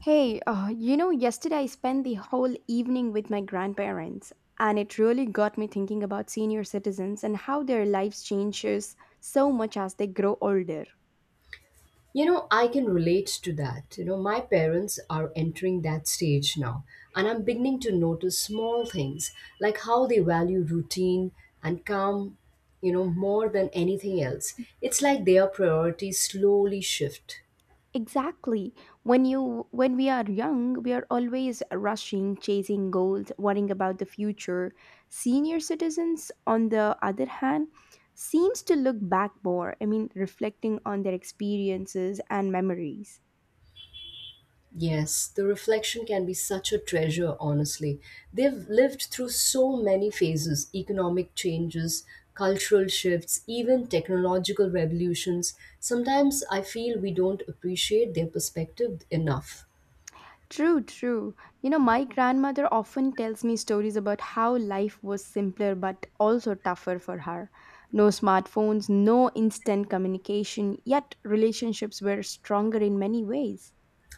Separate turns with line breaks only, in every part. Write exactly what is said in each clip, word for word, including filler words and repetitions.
Hey, uh, you know, yesterday I spent the whole evening with my grandparents, and it really got me thinking about senior citizens and how their lives changes so much as they grow older.
You know, I can relate to that. You know, my parents are entering that stage now, and I'm beginning to notice small things like how they value routine and calm, you know, more than anything else. It's like their priorities slowly shift.
Exactly. When you when we are young, we are always rushing, chasing goals, worrying about the future. Senior citizens, on the other hand, seems to look back more, I mean, reflecting on their experiences and memories.
Yes, the reflection can be such a treasure, honestly. They've lived through so many phases economic changes, cultural shifts, even technological revolutions. Sometimes I feel we don't appreciate their perspective enough.
True, true. You know, my grandmother often tells me stories about how life was simpler but also tougher for her. No smartphones, no instant communication, yet relationships were stronger in many ways.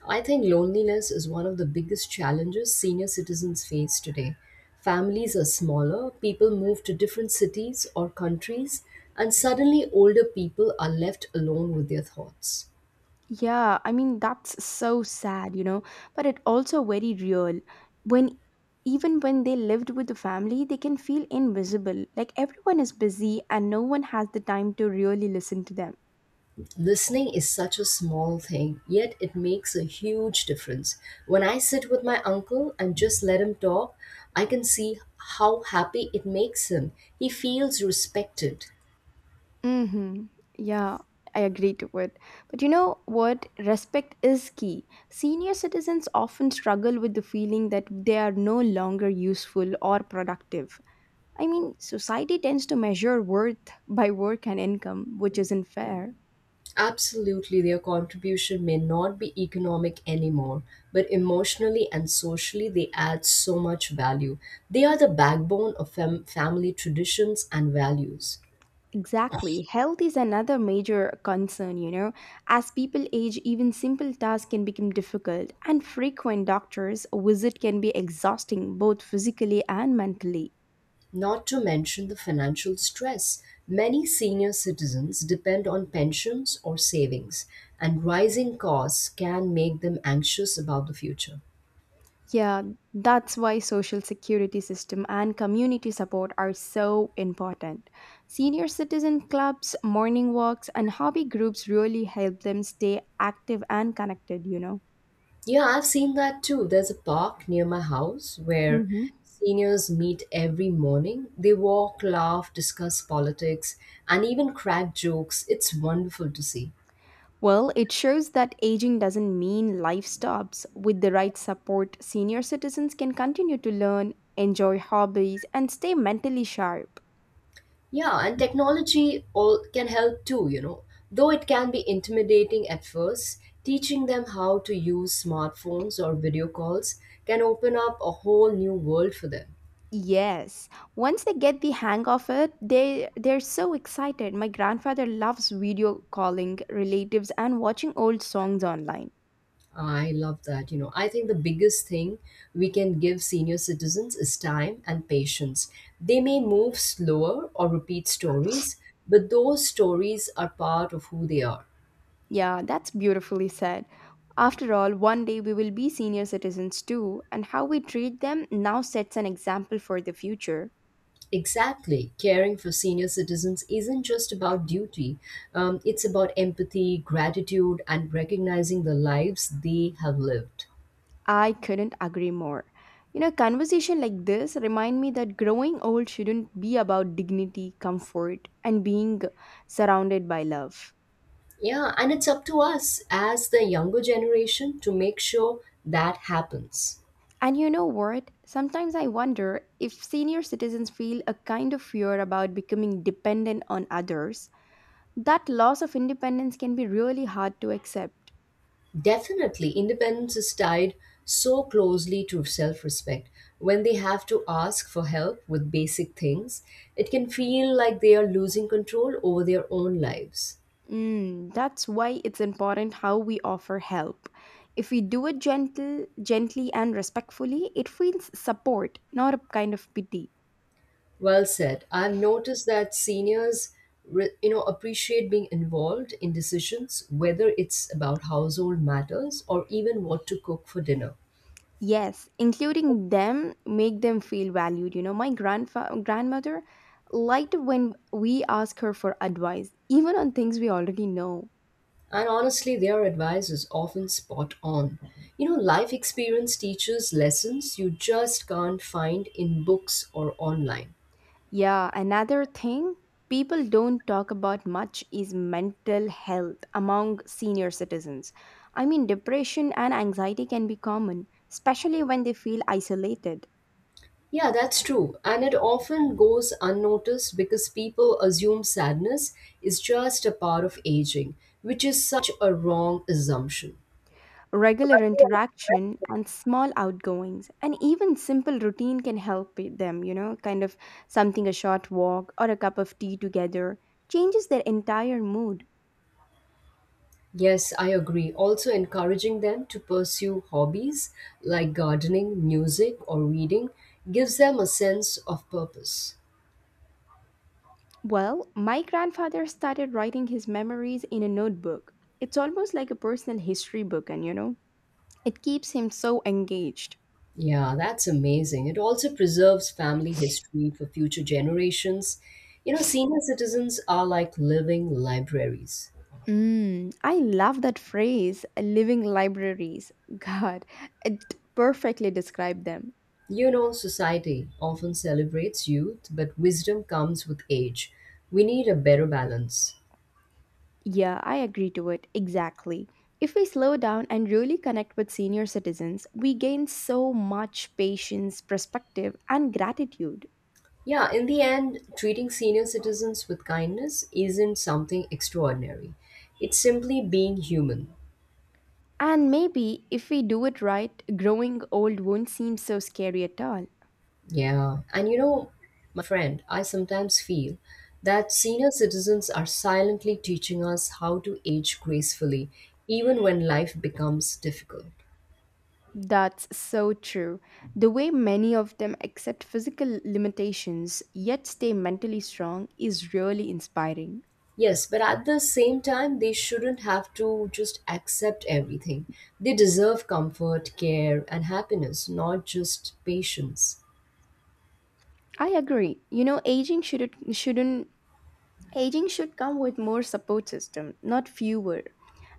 I think loneliness is one of the biggest challenges senior citizens face today. Families are smaller, people move to different cities or countries, and suddenly older people are left alone with their thoughts.
Yeah, I mean, that's so sad, you know, but it also very real. When even when they lived with the family, they can feel invisible. Like everyone is busy and no one has the time to really listen to them.
Listening is such a small thing, yet it makes a huge difference. When I sit with my uncle and just let him talk, I can see how happy it makes him. He feels respected.
Mm-hmm. Yeah, I agree to it. But you know what? Respect is key. Senior citizens often struggle with the feeling that they are no longer useful or productive. I mean, society tends to measure worth by work and income, which isn't fair.
Absolutely, their contribution may not be economic anymore, but emotionally and socially, they add so much value. They are the backbone of fam- family traditions and values.
Exactly. Health is another major concern, you know. As people age, even simple tasks can become difficult, and frequent doctor's visit can be exhausting both physically and mentally.
Not to mention the financial stress. Many senior citizens depend on pensions or savings, and rising costs can make them anxious about the future.
Yeah, that's why social security system and community support are so important. Senior citizen clubs, morning walks, and hobby groups really help them stay active and connected, you know.
Yeah, I've seen that too. There's a park near my house where
Mhm.
seniors meet every morning. They walk, laugh, discuss politics, and even crack jokes. It's wonderful to see.
Well, it shows that aging doesn't mean life stops. With the right support, senior citizens can continue to learn, enjoy hobbies, and stay mentally sharp.
Yeah, and technology all can help too, you know. Though it can be intimidating at first, teaching them how to use smartphones or video calls can open up a whole new world for them.
Yes, once they get the hang of it, they they're so excited. My grandfather loves video calling relatives and watching old songs online.
I love that, you know. I think the biggest thing we can give senior citizens is time and patience. They may move slower or repeat stories, but those stories are part of who they are.
Yeah, that's beautifully said. After all, one day we will be senior citizens too, and how we treat them now sets an example for the future.
Exactly. Caring for senior citizens isn't just about duty, um, it's about empathy, gratitude, and recognizing the lives they have lived.
I couldn't agree more. You know, conversation like this remind me that growing old shouldn't be about dignity, comfort, and being surrounded by love.
Yeah, and it's up to us as the younger generation to make sure that happens.
And you know what? Sometimes I wonder if senior citizens feel a kind of fear about becoming dependent on others. That loss of independence can be really hard to accept.
Definitely, independence is tied so closely to self respect. When they have to ask for help with basic things, it can feel like they are losing control over their own lives.
Mm, that's why it's important how we offer help. If we do it gentle, gently and respectfully, it feels support, not a kind of pity.
Well said. I've noticed that seniors, re- you know, appreciate being involved in decisions, whether it's about household matters or even what to cook for dinner.
Yes, including them make them feel valued. You know, my grandfa- grandmother liked when we ask her for advice, even on things we already know.
And honestly, their advice is often spot on. You know, life experience teaches lessons you just can't find in books or online.
Yeah, another thing people don't talk about much is mental health among senior citizens. I mean, depression and anxiety can be common, especially when they feel isolated.
Yeah, that's true. And it often goes unnoticed because people assume sadness is just a part of aging, which is such a wrong assumption.
Regular interaction and small outgoings, and even simple routine can help i- them, you know, kind of something a short walk or a cup of tea together changes their entire mood.
Yes, I agree. Also, encouraging them to pursue hobbies like gardening, music, or reading gives them a sense of purpose.
Well, my grandfather started writing his memories in a notebook. It's almost like a personal history book, and you know, it keeps him so engaged.
Yeah, that's amazing. It also preserves family history for future generations. You know, senior citizens are like living libraries.
Mm, I love that phrase, living libraries. God, it perfectly described them.
You know, society often celebrates youth, but wisdom comes with age. We need a better balance.
Yeah, I agree to it, exactly. If we slow down and really connect with senior citizens, we gain so much patience, perspective, and gratitude.
Yeah, in the end, treating senior citizens with kindness isn't something extraordinary. It's simply being human.
And maybe if we do it right, growing old won't seem so scary at all.
Yeah. And you know, my friend, I sometimes feel that senior citizens are silently teaching us how to age gracefully, even when life becomes difficult.
That's so true. The way many of them accept physical limitations yet stay mentally strong is really inspiring.
Yes, but at the same time, they shouldn't have to just accept everything. They deserve comfort, care, and happiness, not just patience.
I agree. You know, aging should shouldn't aging should come with more support system, not fewer.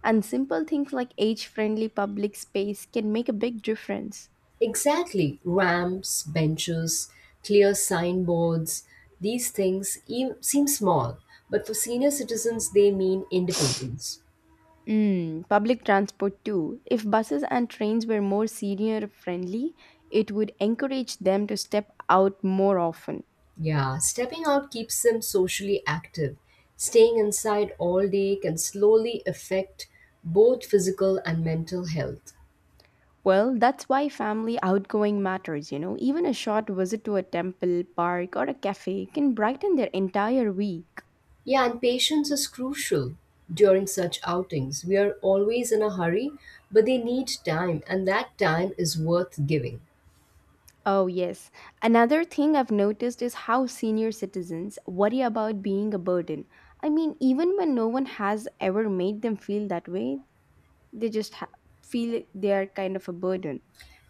And simple things like age-friendly public space can make a big difference.
Exactly. Ramps, benches, clear signboards, these things e- seem small, but for senior citizens, they mean independence.
Mm, public transport too. If buses and trains were more senior friendly, it would encourage them to step out more often.
Yeah, stepping out keeps them socially active. Staying inside all day can slowly affect both physical and mental health.
Well, that's why family outgoing matters, you know. Even a short visit to a temple, park, or a cafe can brighten their entire week.
Yeah, and patience is crucial during such outings. We are always in a hurry, but they need time, and that time is worth giving.
Oh, yes. Another thing I've noticed is how senior citizens worry about being a burden. I mean, even when no one has ever made them feel that way, they just ha- feel they are kind of a burden.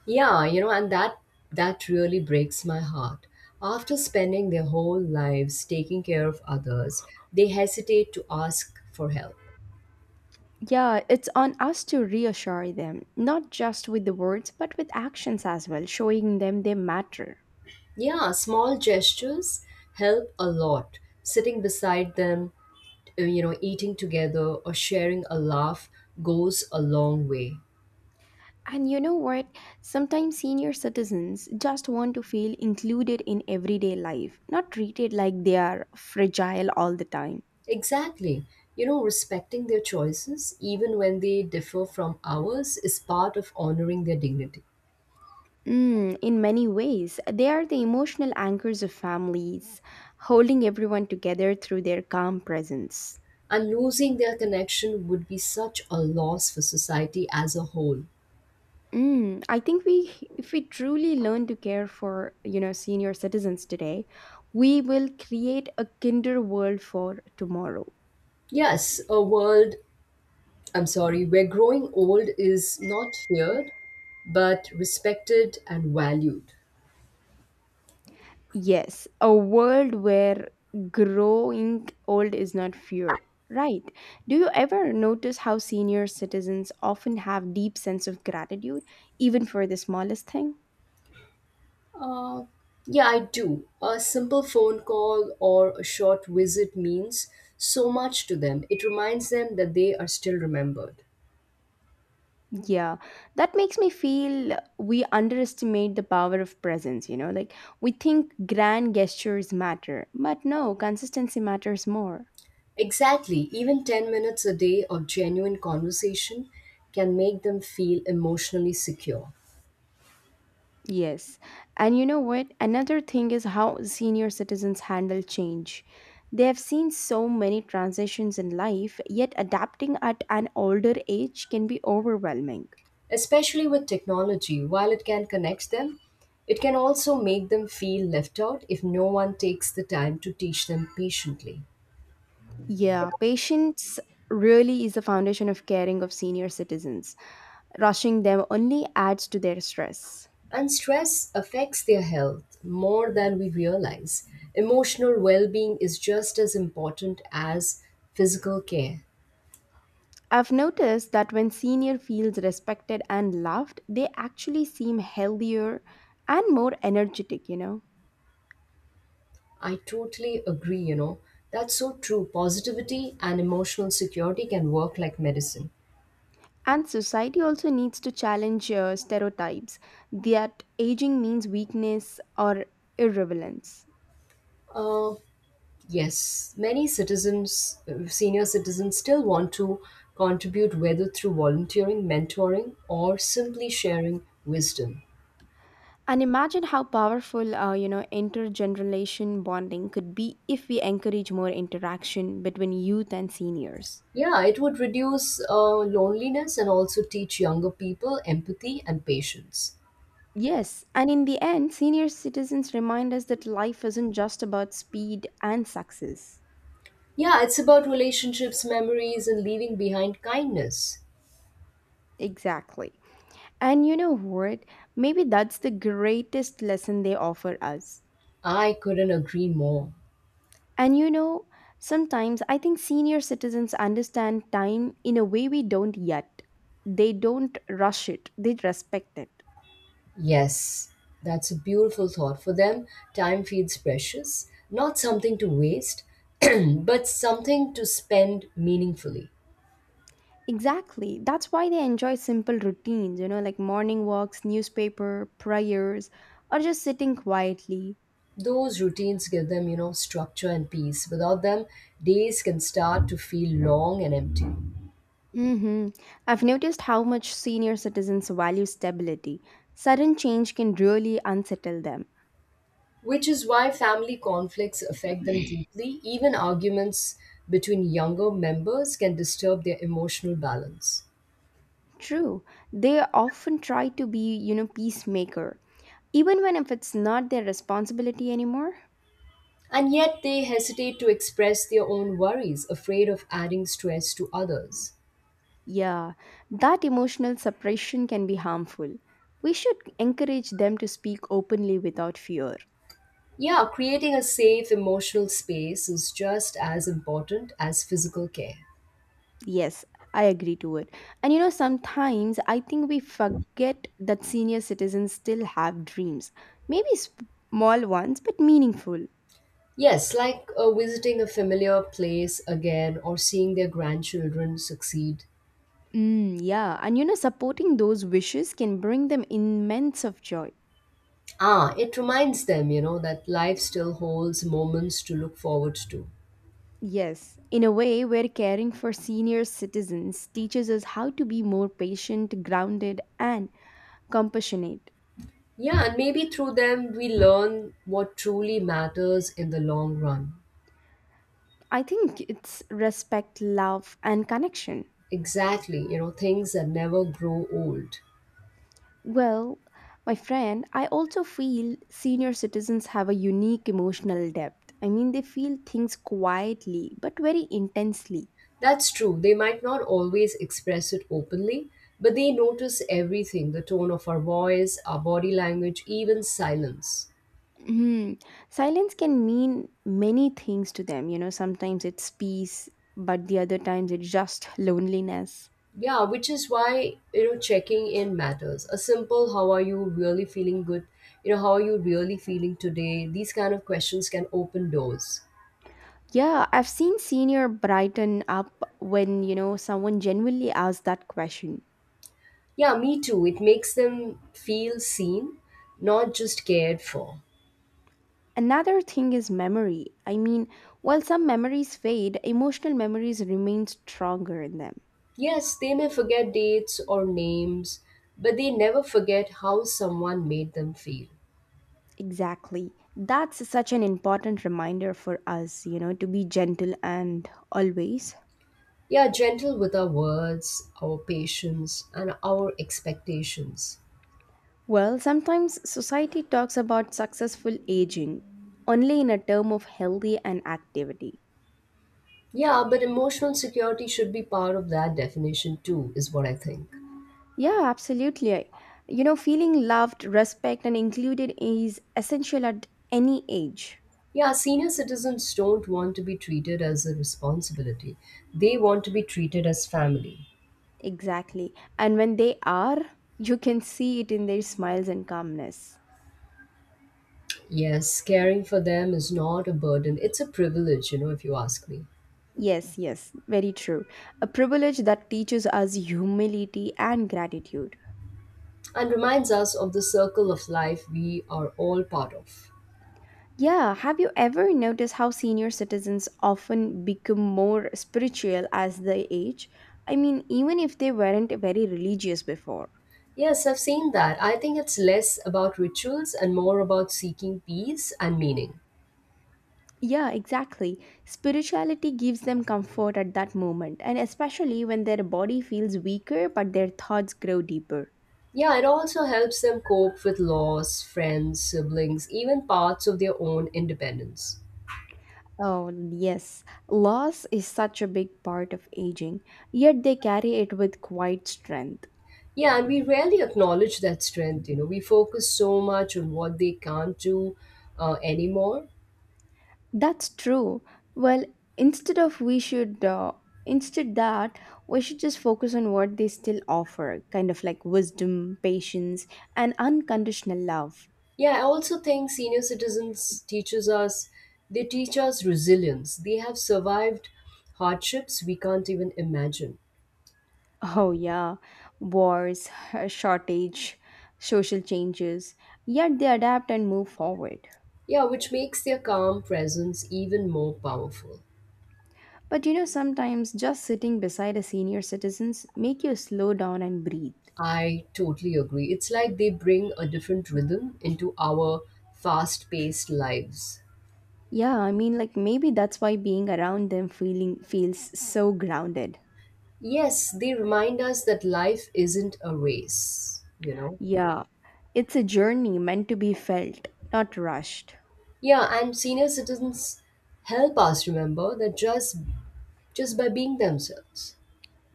Yeah, you know, and that that really breaks my heart. After spending their whole lives taking care of others, they hesitate to ask for help.
Yeah, it's on us to reassure them, not just with the words, but with actions as well, showing them they matter.
Yeah, small gestures help a lot. Sitting beside them, uh, you know, eating together or sharing a laugh goes a long way.
And you know what? Sometimes senior citizens just want to feel included in everyday life, not treated like they are fragile all the time.
Exactly. You know, respecting their choices, even when they differ from ours, is part of honoring their dignity.
Mm, in many ways, they are the emotional anchors of families, holding everyone together through their calm presence.
And losing their connection would be such a loss for society as a whole.
Mm, I think we, if we truly learn to care for, you know, senior citizens today, we will create a kinder world for tomorrow.
Yes, a world, I'm sorry, where growing old is not feared, but respected and valued.
Yes, a world where growing old is not feared. Right. Do you ever notice how senior citizens often have deep sense of gratitude, even for the smallest thing?
Uh, yeah, I do. A simple phone call or a short visit means so much to them. It reminds them that they are still remembered.
Yeah, that makes me feel we underestimate the power of presence, you know? Like, we think grand gestures matter, but no, consistency matters more.
Exactly. Even ten minutes a day of genuine conversation can make them feel emotionally secure.
Yes. And you know what? Another thing is how senior citizens handle change. They have seen so many transitions in life, yet adapting at an older age can be overwhelming.
Especially with technology, while it can connect them, it can also make them feel left out if no one takes the time to teach them patiently.
Yeah, patience really is the foundation of caring of senior citizens. Rushing them only adds to their stress.
And stress affects their health more than we realize. Emotional well being is just as important as physical care.
I've noticed that when senior feels respected and loved, they actually seem healthier and more energetic, you know.
I totally agree, you know. That's so true. Positivity and emotional security can work like medicine.
And society also needs to challenge uh, stereotypes that aging means weakness or irrelevance.
Uh, Yes, many citizens, uh, senior citizens, still want to contribute whether through volunteering, mentoring, or simply sharing wisdom.
And imagine how powerful, uh, you know, intergeneration bonding could be if we encourage more interaction between youth and seniors.
Yeah, it would reduce uh, loneliness and also teach younger people empathy and patience.
Yes, and in the end, senior citizens remind us that life isn't just about speed and success.
Yeah, it's about relationships, memories, and leaving behind kindness.
Exactly. And you know what? Maybe that's the greatest lesson they offer us.
I couldn't agree more.
And you know, sometimes I think senior citizens understand time in a way we don't yet. They don't rush it, they respect it.
Yes, that's a beautiful thought. For them, time feels precious, not something to waste, but something to spend meaningfully.
Exactly. That's why they enjoy simple routines, you know, like morning walks, newspaper, prayers, or just sitting quietly.
Those routines give them, you know, structure and peace. Without them, days can start to feel long and empty,
Mm-hmm. I've noticed how much senior citizens value stability. Sudden change can really unsettle them.
which is why family conflicts affect them deeply. Even arguments between younger members can disturb their emotional balance.
True. They often try to be, you know, peacemaker, even when if it's not their responsibility anymore.
And yet, they hesitate to express their own worries, afraid of adding stress to others.
Yeah, that emotional separation can be harmful. We should encourage them to speak openly without fear.
Yeah, creating a safe emotional space is just as important as physical care.
Yes, I agree to it. And you know, sometimes I think we forget that senior citizens still have dreams. Maybe small ones, but meaningful.
Yes, like uh, visiting a familiar place again or seeing their grandchildren succeed.
Mm, yeah, and you know, supporting those wishes can bring them immense of joy.
Ah, it reminds them, you know, that life still holds moments to look forward to.
Yes, in a way where caring for senior citizens teaches us how to be more patient, grounded, and compassionate.
Yeah, and maybe through them we learn what truly matters in the long run.
I think it's respect, love, and connection.
Exactly, you know, things that never grow old.
Well, my friend, I also feel senior citizens have a unique emotional depth. I mean, they feel things quietly but very intensely.
That's true. They might not always express it openly, but they notice everything the tone of our voice, our body language, even silence.
Hmm. Silence can mean many things to them. You know, sometimes it's peace, but the other times it's just loneliness.
Yeah, which is why, you know, checking in matters. A simple, how are you really feeling good? You know, how are you really feeling today? These kind of questions can open doors.
Yeah, I've seen senior brighten up when, you know, someone genuinely asks that question.
Yeah, me too. It makes them feel seen, not just cared for.
Another thing is memory. I mean, while some memories fade, emotional memories remain stronger in them.
Yes, they may forget dates or names, but they never forget how someone made them feel.
Exactly. That's such an important reminder for us, you know, to be gentle and always.
Yeah, gentle with our words, our patience, and our expectations.
Well, sometimes society talks about successful aging only in a term of healthy and activity.
Yeah, but emotional security should be part of that definition too, is what I think.
Yeah, absolutely. You know, feeling loved, respect, and included is essential at any age.
Yeah, senior citizens don't want to be treated as a responsibility, they want to be treated as family.
Exactly. And when they are, you can see it in their smiles and calmness.
Yes, caring for them is not a burden, it's a privilege, you know, if you ask me,
Yes, yes, very true. A privilege that teaches us humility and gratitude.
and reminds us of the circle of life we are all part of.
Yeah, have you ever noticed how senior citizens often become more spiritual as they age? I mean, even if they weren't very religious before.
Yes, I've seen that. I think it's less about rituals and more about seeking peace and meaning.
Yeah, exactly. Spirituality gives them comfort at that moment, and especially when their body feels weaker but their thoughts grow deeper.
Yeah, it also helps them cope with loss, friends, siblings, even parts of their own independence.
Oh, yes. Loss is such a big part of aging, yet they carry it with quiet strength.
Yeah, and we rarely acknowledge that strength. You know, we focus so much on what they can't do uh, anymore.
That's true. Well, instead of we should uh, instead that we should just focus on what they still offer, kind of like wisdom, patience, and unconditional love.
Yeah, I also think senior citizens teaches us, they teach us resilience. They have survived hardships we can't even imagine.
Oh, yeah, wars, shortage, social changes, yet they adapt and move forward.
Yeah, which makes their calm presence even more powerful.
But you know, sometimes just sitting beside a senior citizens make you slow down and breathe.
I totally agree. It's like they bring a different rhythm into our fast paced lives.
Yeah, I mean, like maybe that's why being around them feeling feels so grounded.
Yes, they remind us that life isn't a race, you know?
Yeah, it's a journey meant to be felt, not rushed.
Yeah, and senior citizens help us remember that just just by being themselves.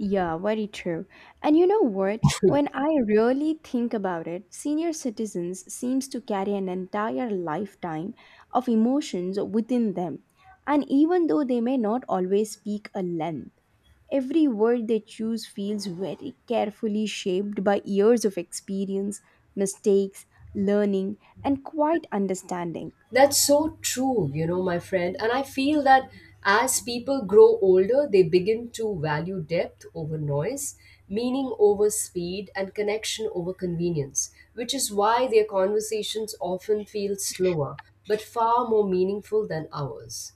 Yeah, very true. And you know what? When I really think about it, senior citizens seems to carry an entire lifetime of emotions within them. And even though they may not always speak a length, every word they choose feels very carefully shaped by years of experience, mistakes, learning, and quiet understanding.
That's so true, you know, my friend. And I feel that as people grow older, they begin to value depth over noise, meaning over speed, and connection over convenience, which is why their conversations often feel slower but far more meaningful than ours.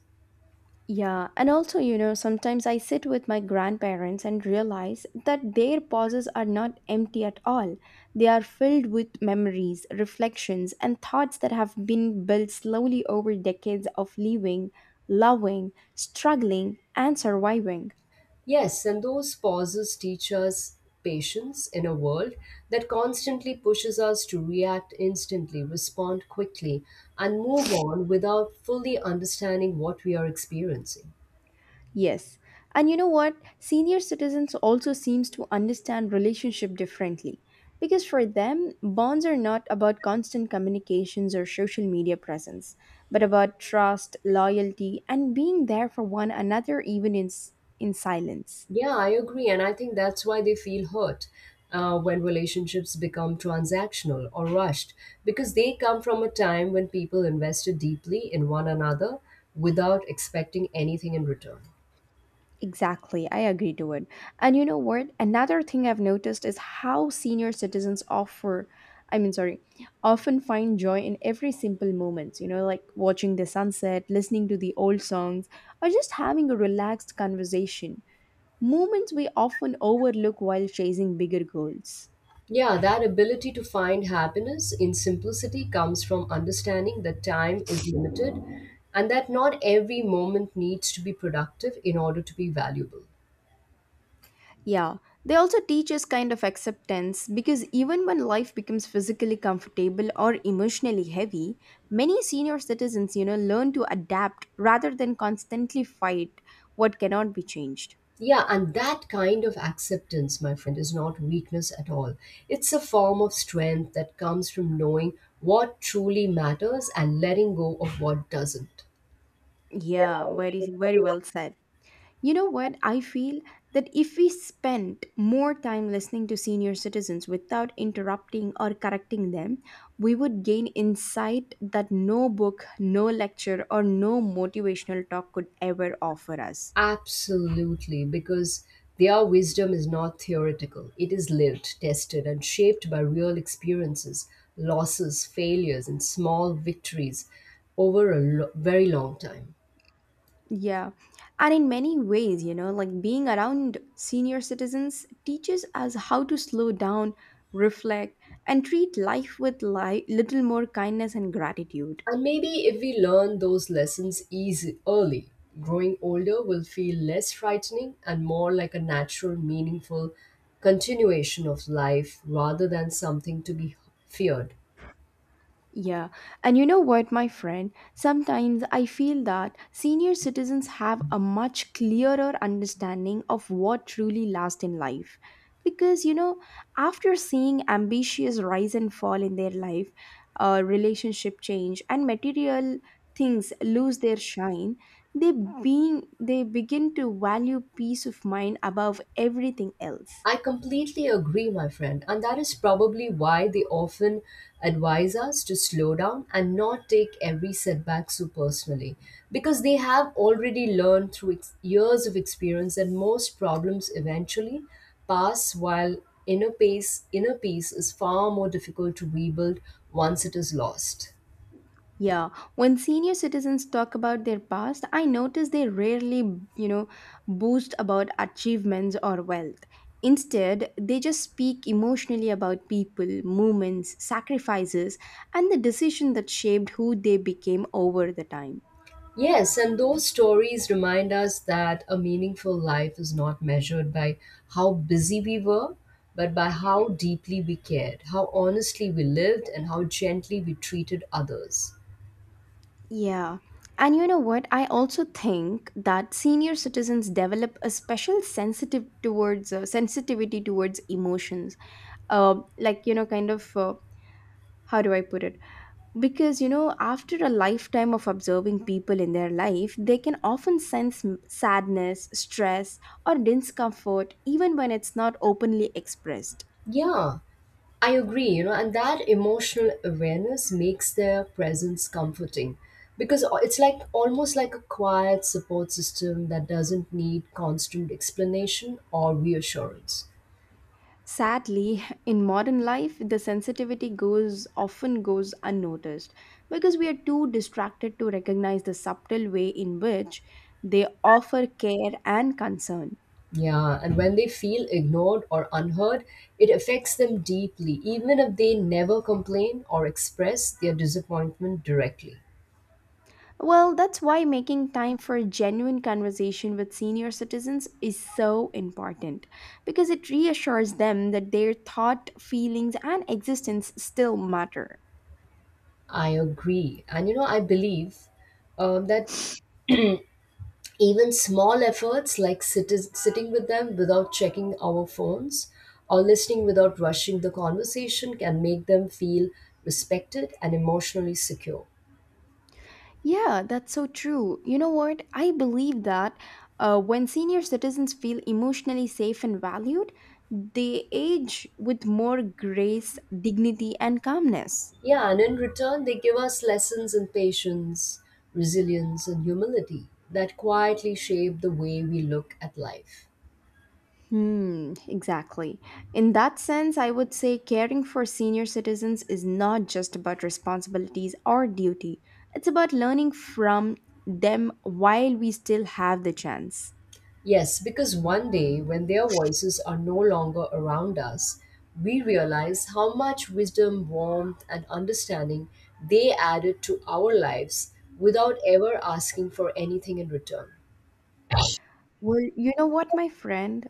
Yeah, and also, you know, sometimes I sit with my grandparents and realize that their pauses are not empty at all. They are filled with memories, reflections, and thoughts that have been built slowly over decades of living, loving, struggling, and surviving.
Yes, and those pauses teach us patience in a world that constantly pushes us to react instantly, respond quickly, and move on without fully understanding what we are experiencing.
Yes. And you know what? Senior citizens also seems to understand relationship differently because for them bonds are not about constant communications or social media presence but about trust, loyalty and being there for one another even in s- in silence.
Yeah, I agree. And I think that's why they feel hurt uh, when relationships become transactional or rushed, because they come from a time when people invested deeply in one another without expecting anything in return.
Exactly, I agree to it. And you know what? Another thing I've noticed is how senior citizens offer, I mean, sorry, often find joy in every simple moments. You know, like watching the sunset, listening to the old songs, or just having a relaxed conversation. Moments we often overlook while chasing bigger goals.
Yeah, that ability to find happiness in simplicity comes from understanding that time is limited and that not every moment needs to be productive in order to be valuable.
Yeah, they also teach us kind of acceptance because even when life becomes physically comfortable or emotionally heavy, many senior citizens, you know, learn to adapt rather than constantly fight what cannot be changed.
Yeah, and that kind of acceptance, my friend, is not weakness at all. It's a form of strength that comes from knowing what truly matters and letting go of what doesn't.
Yeah, very very
Yeah,
well said. You know what? I feel that if we spent more time listening to senior citizens without interrupting or correcting them, we would gain insight that no book, no lecture, or no motivational talk could ever offer us.
absolutely, because their wisdom is not theoretical. It is lived, tested, and shaped by real experiences, losses, failures, and small victories over a lo- very long time.
Yeah. And in many ways, you know, like being around senior citizens teaches us how to slow down, reflect, and treat life with li- little more kindness and gratitude.
And maybe if we learn those lessons easy early, growing older will feel less frightening and more like a natural, meaningful continuation of life rather than something to be feared.
Yeah, and you know what, my friend? Sometimes I feel that senior citizens have a much clearer understanding of what truly lasts in life. Because, you know, after seeing ambitious rise and fall in their life, uh, relationship change, and material things lose their shine, they, being, they begin to value peace of mind above everything else.
I completely agree, my friend, and that is probably why they often advise us to slow down and not take every setback so personally. Because they have already learned through ex- years of experience that most problems eventually pass, while inner peace, inner peace is far more difficult to rebuild once it is lost.
Yeah, when senior citizens talk about their past, I notice they rarely, you know, boast about achievements or wealth. Instead, they just speak emotionally about people, movements, sacrifices, and the decision that shaped who they became over the time.
Yes, and those stories remind us that a meaningful life is not measured by how busy we were, but by how deeply we cared, how honestly we lived, and how gently we treated others.
Yeah. And you know what? I also think that senior citizens develop a special sensitive towards uh, sensitivity towards emotions. Uh, like you know, kind of uh, how do I put it? Because you know after a lifetime of observing people in their life they can often sense m- sadness, stress or discomfort even when it's not openly expressed.
Yeah, I agree, you know, and that emotional awareness makes their presence comforting because o- it's like almost like a quiet support system that doesn't need constant explanation or reassurance.
Sadly in modern life the sensitivity goes often goes unnoticed because we are too distracted to recognize the subtle way in which they offer care and concern.
Yeah, and when they feel ignored or unheard, it affects them deeply, even if they never complain or express their disappointment directly.
Well, that's why making time for a genuine conversation with senior citizens is so important because it reassures them that their thought, feelings, and existence still matter.
I agree. And you know, I believe um, that even small efforts like sit- sitting with them without checking our phones or listening without rushing the conversation can make them feel respected and emotionally secure.
Yeah, that's so true. You know what? I believe that uh, when senior citizens feel emotionally safe and valued, they age with more grace, dignity, and calmness.
Yeah, and in return, they give us lessons in patience, resilience, and humility that quietly shape the way we look at life.
Hmm, exactly. In that sense, I would say caring for senior citizens is not just about responsibilities or duty, it's about learning from them while we still have the chance.
Yes, because one day, when their voices are no longer around us, we realize how much wisdom, warmth, and understanding they added to our lives without ever asking for anything in return.
Well, you know what, my friend?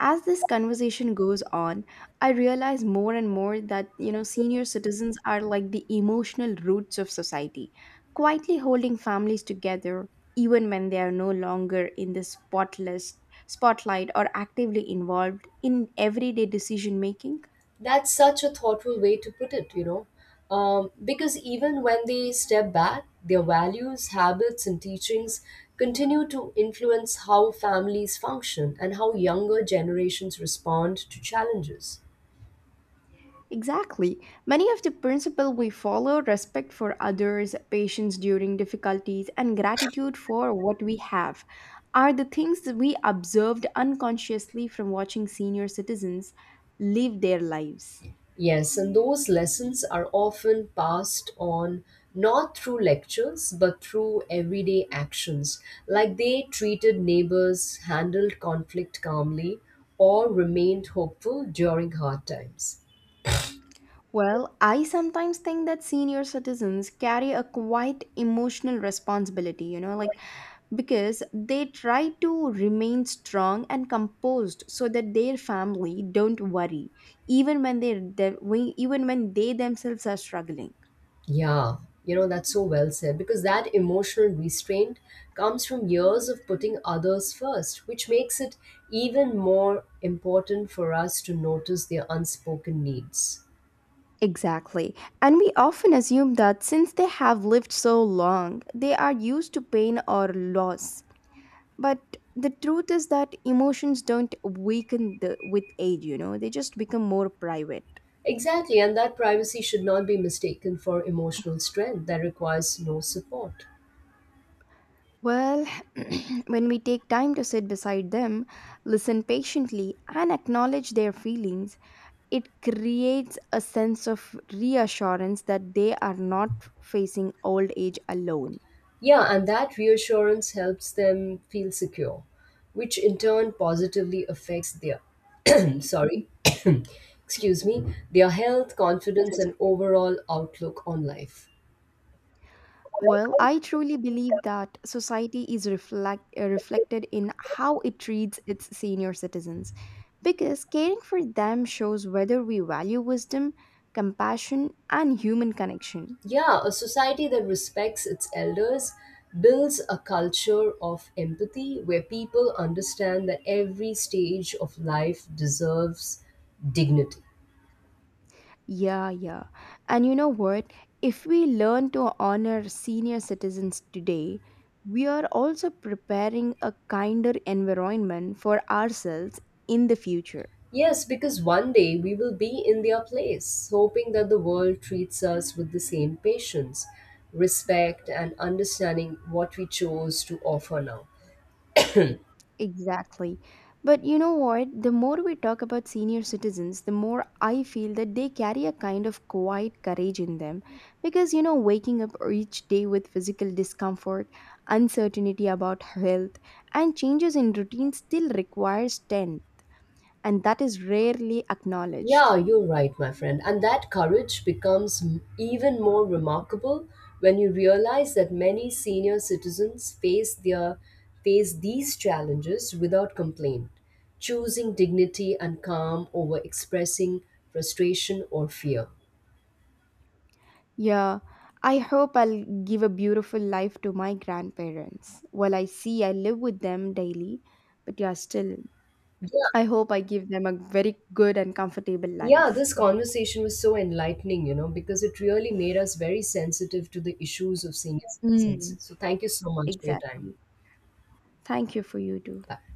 As this conversation goes on, I realize more and more that, you know, senior citizens are like the emotional roots of society, quietly holding families together even when they are no longer in the spotless spotlight or actively involved in everyday decision making.
That's such a thoughtful way to put it, you know. Um, because even when they step back, their values, habits, and teachings continue to influence how families function and how younger generations respond to challenges.
Exactly. Many of the principles we follow, respect for others, patience during difficulties, and gratitude for what we have are the things that we observed unconsciously from watching senior citizens live their lives.
Yes, and those lessons are often passed on not through lectures but through everyday actions, like they treated neighbors, handled conflict calmly, or remained hopeful during hard times.
Well, I sometimes think that senior citizens carry a quite emotional responsibility, you know, like because they try to remain strong and composed so that their family don't worry even when they them- when- even when they themselves are struggling.
Yeah, you know, that's so well said because that emotional restraint comes from years of putting others first, which makes it even more important for us to notice their unspoken needs.
Exactly. And we often assume that since they have lived so long, they are used to pain or loss. But the truth is that emotions don't weaken the, with age, you know, they just become more private.
Exactly, and that privacy should not be mistaken for emotional strength that requires no support.
Well, when we take time to sit beside them, listen patiently and acknowledge their feelings, it creates a sense of reassurance that they are not facing old age alone.
Yeah, and that reassurance helps them feel secure, which in turn positively affects their sorry, excuse me, their health, confidence,
It's
and overall outlook on life.
Well, I truly believe that society is reflect, uh, reflected in how it treats its senior citizens because caring for them shows whether we value wisdom, compassion, and human connection.
Yeah, a society that respects its elders builds a culture of empathy where people understand that every stage of life deserves dignity.
Yeah, yeah. And you know what? If we learn to honor senior citizens today, we are also preparing a kinder environment for ourselves in the future.
Yes, because one day we will be in their place, hoping that the world treats us with the same patience, respect, and understanding what we chose to offer now.
Exactly. But you know what? The more we talk about senior citizens, the more I feel that they carry a kind of quiet courage in them. Because, you know, waking up each day with physical discomfort, uncertainty about health, and changes in routine still requires ten, and that is rarely
Yeah,
acknowledged.
you're right, my friend. And that courage becomes m- even more remarkable when you realize that many senior citizens face their face these challenges without complaint, choosing dignity and calm over expressing frustration or fear.
Yeah, I hope I'll give a beautiful life to my grandparents. Well, I see I live with them daily, but yeah, still,
Yeah,
I hope I give them a very good and comfortable
yeah,
life.
this conversation was so enlightening, you know, because it really made us very sensitive to the issues of senior citizens.
Mm,
So thank you so much for your time.
exactly. Thank you for you too.
Bye.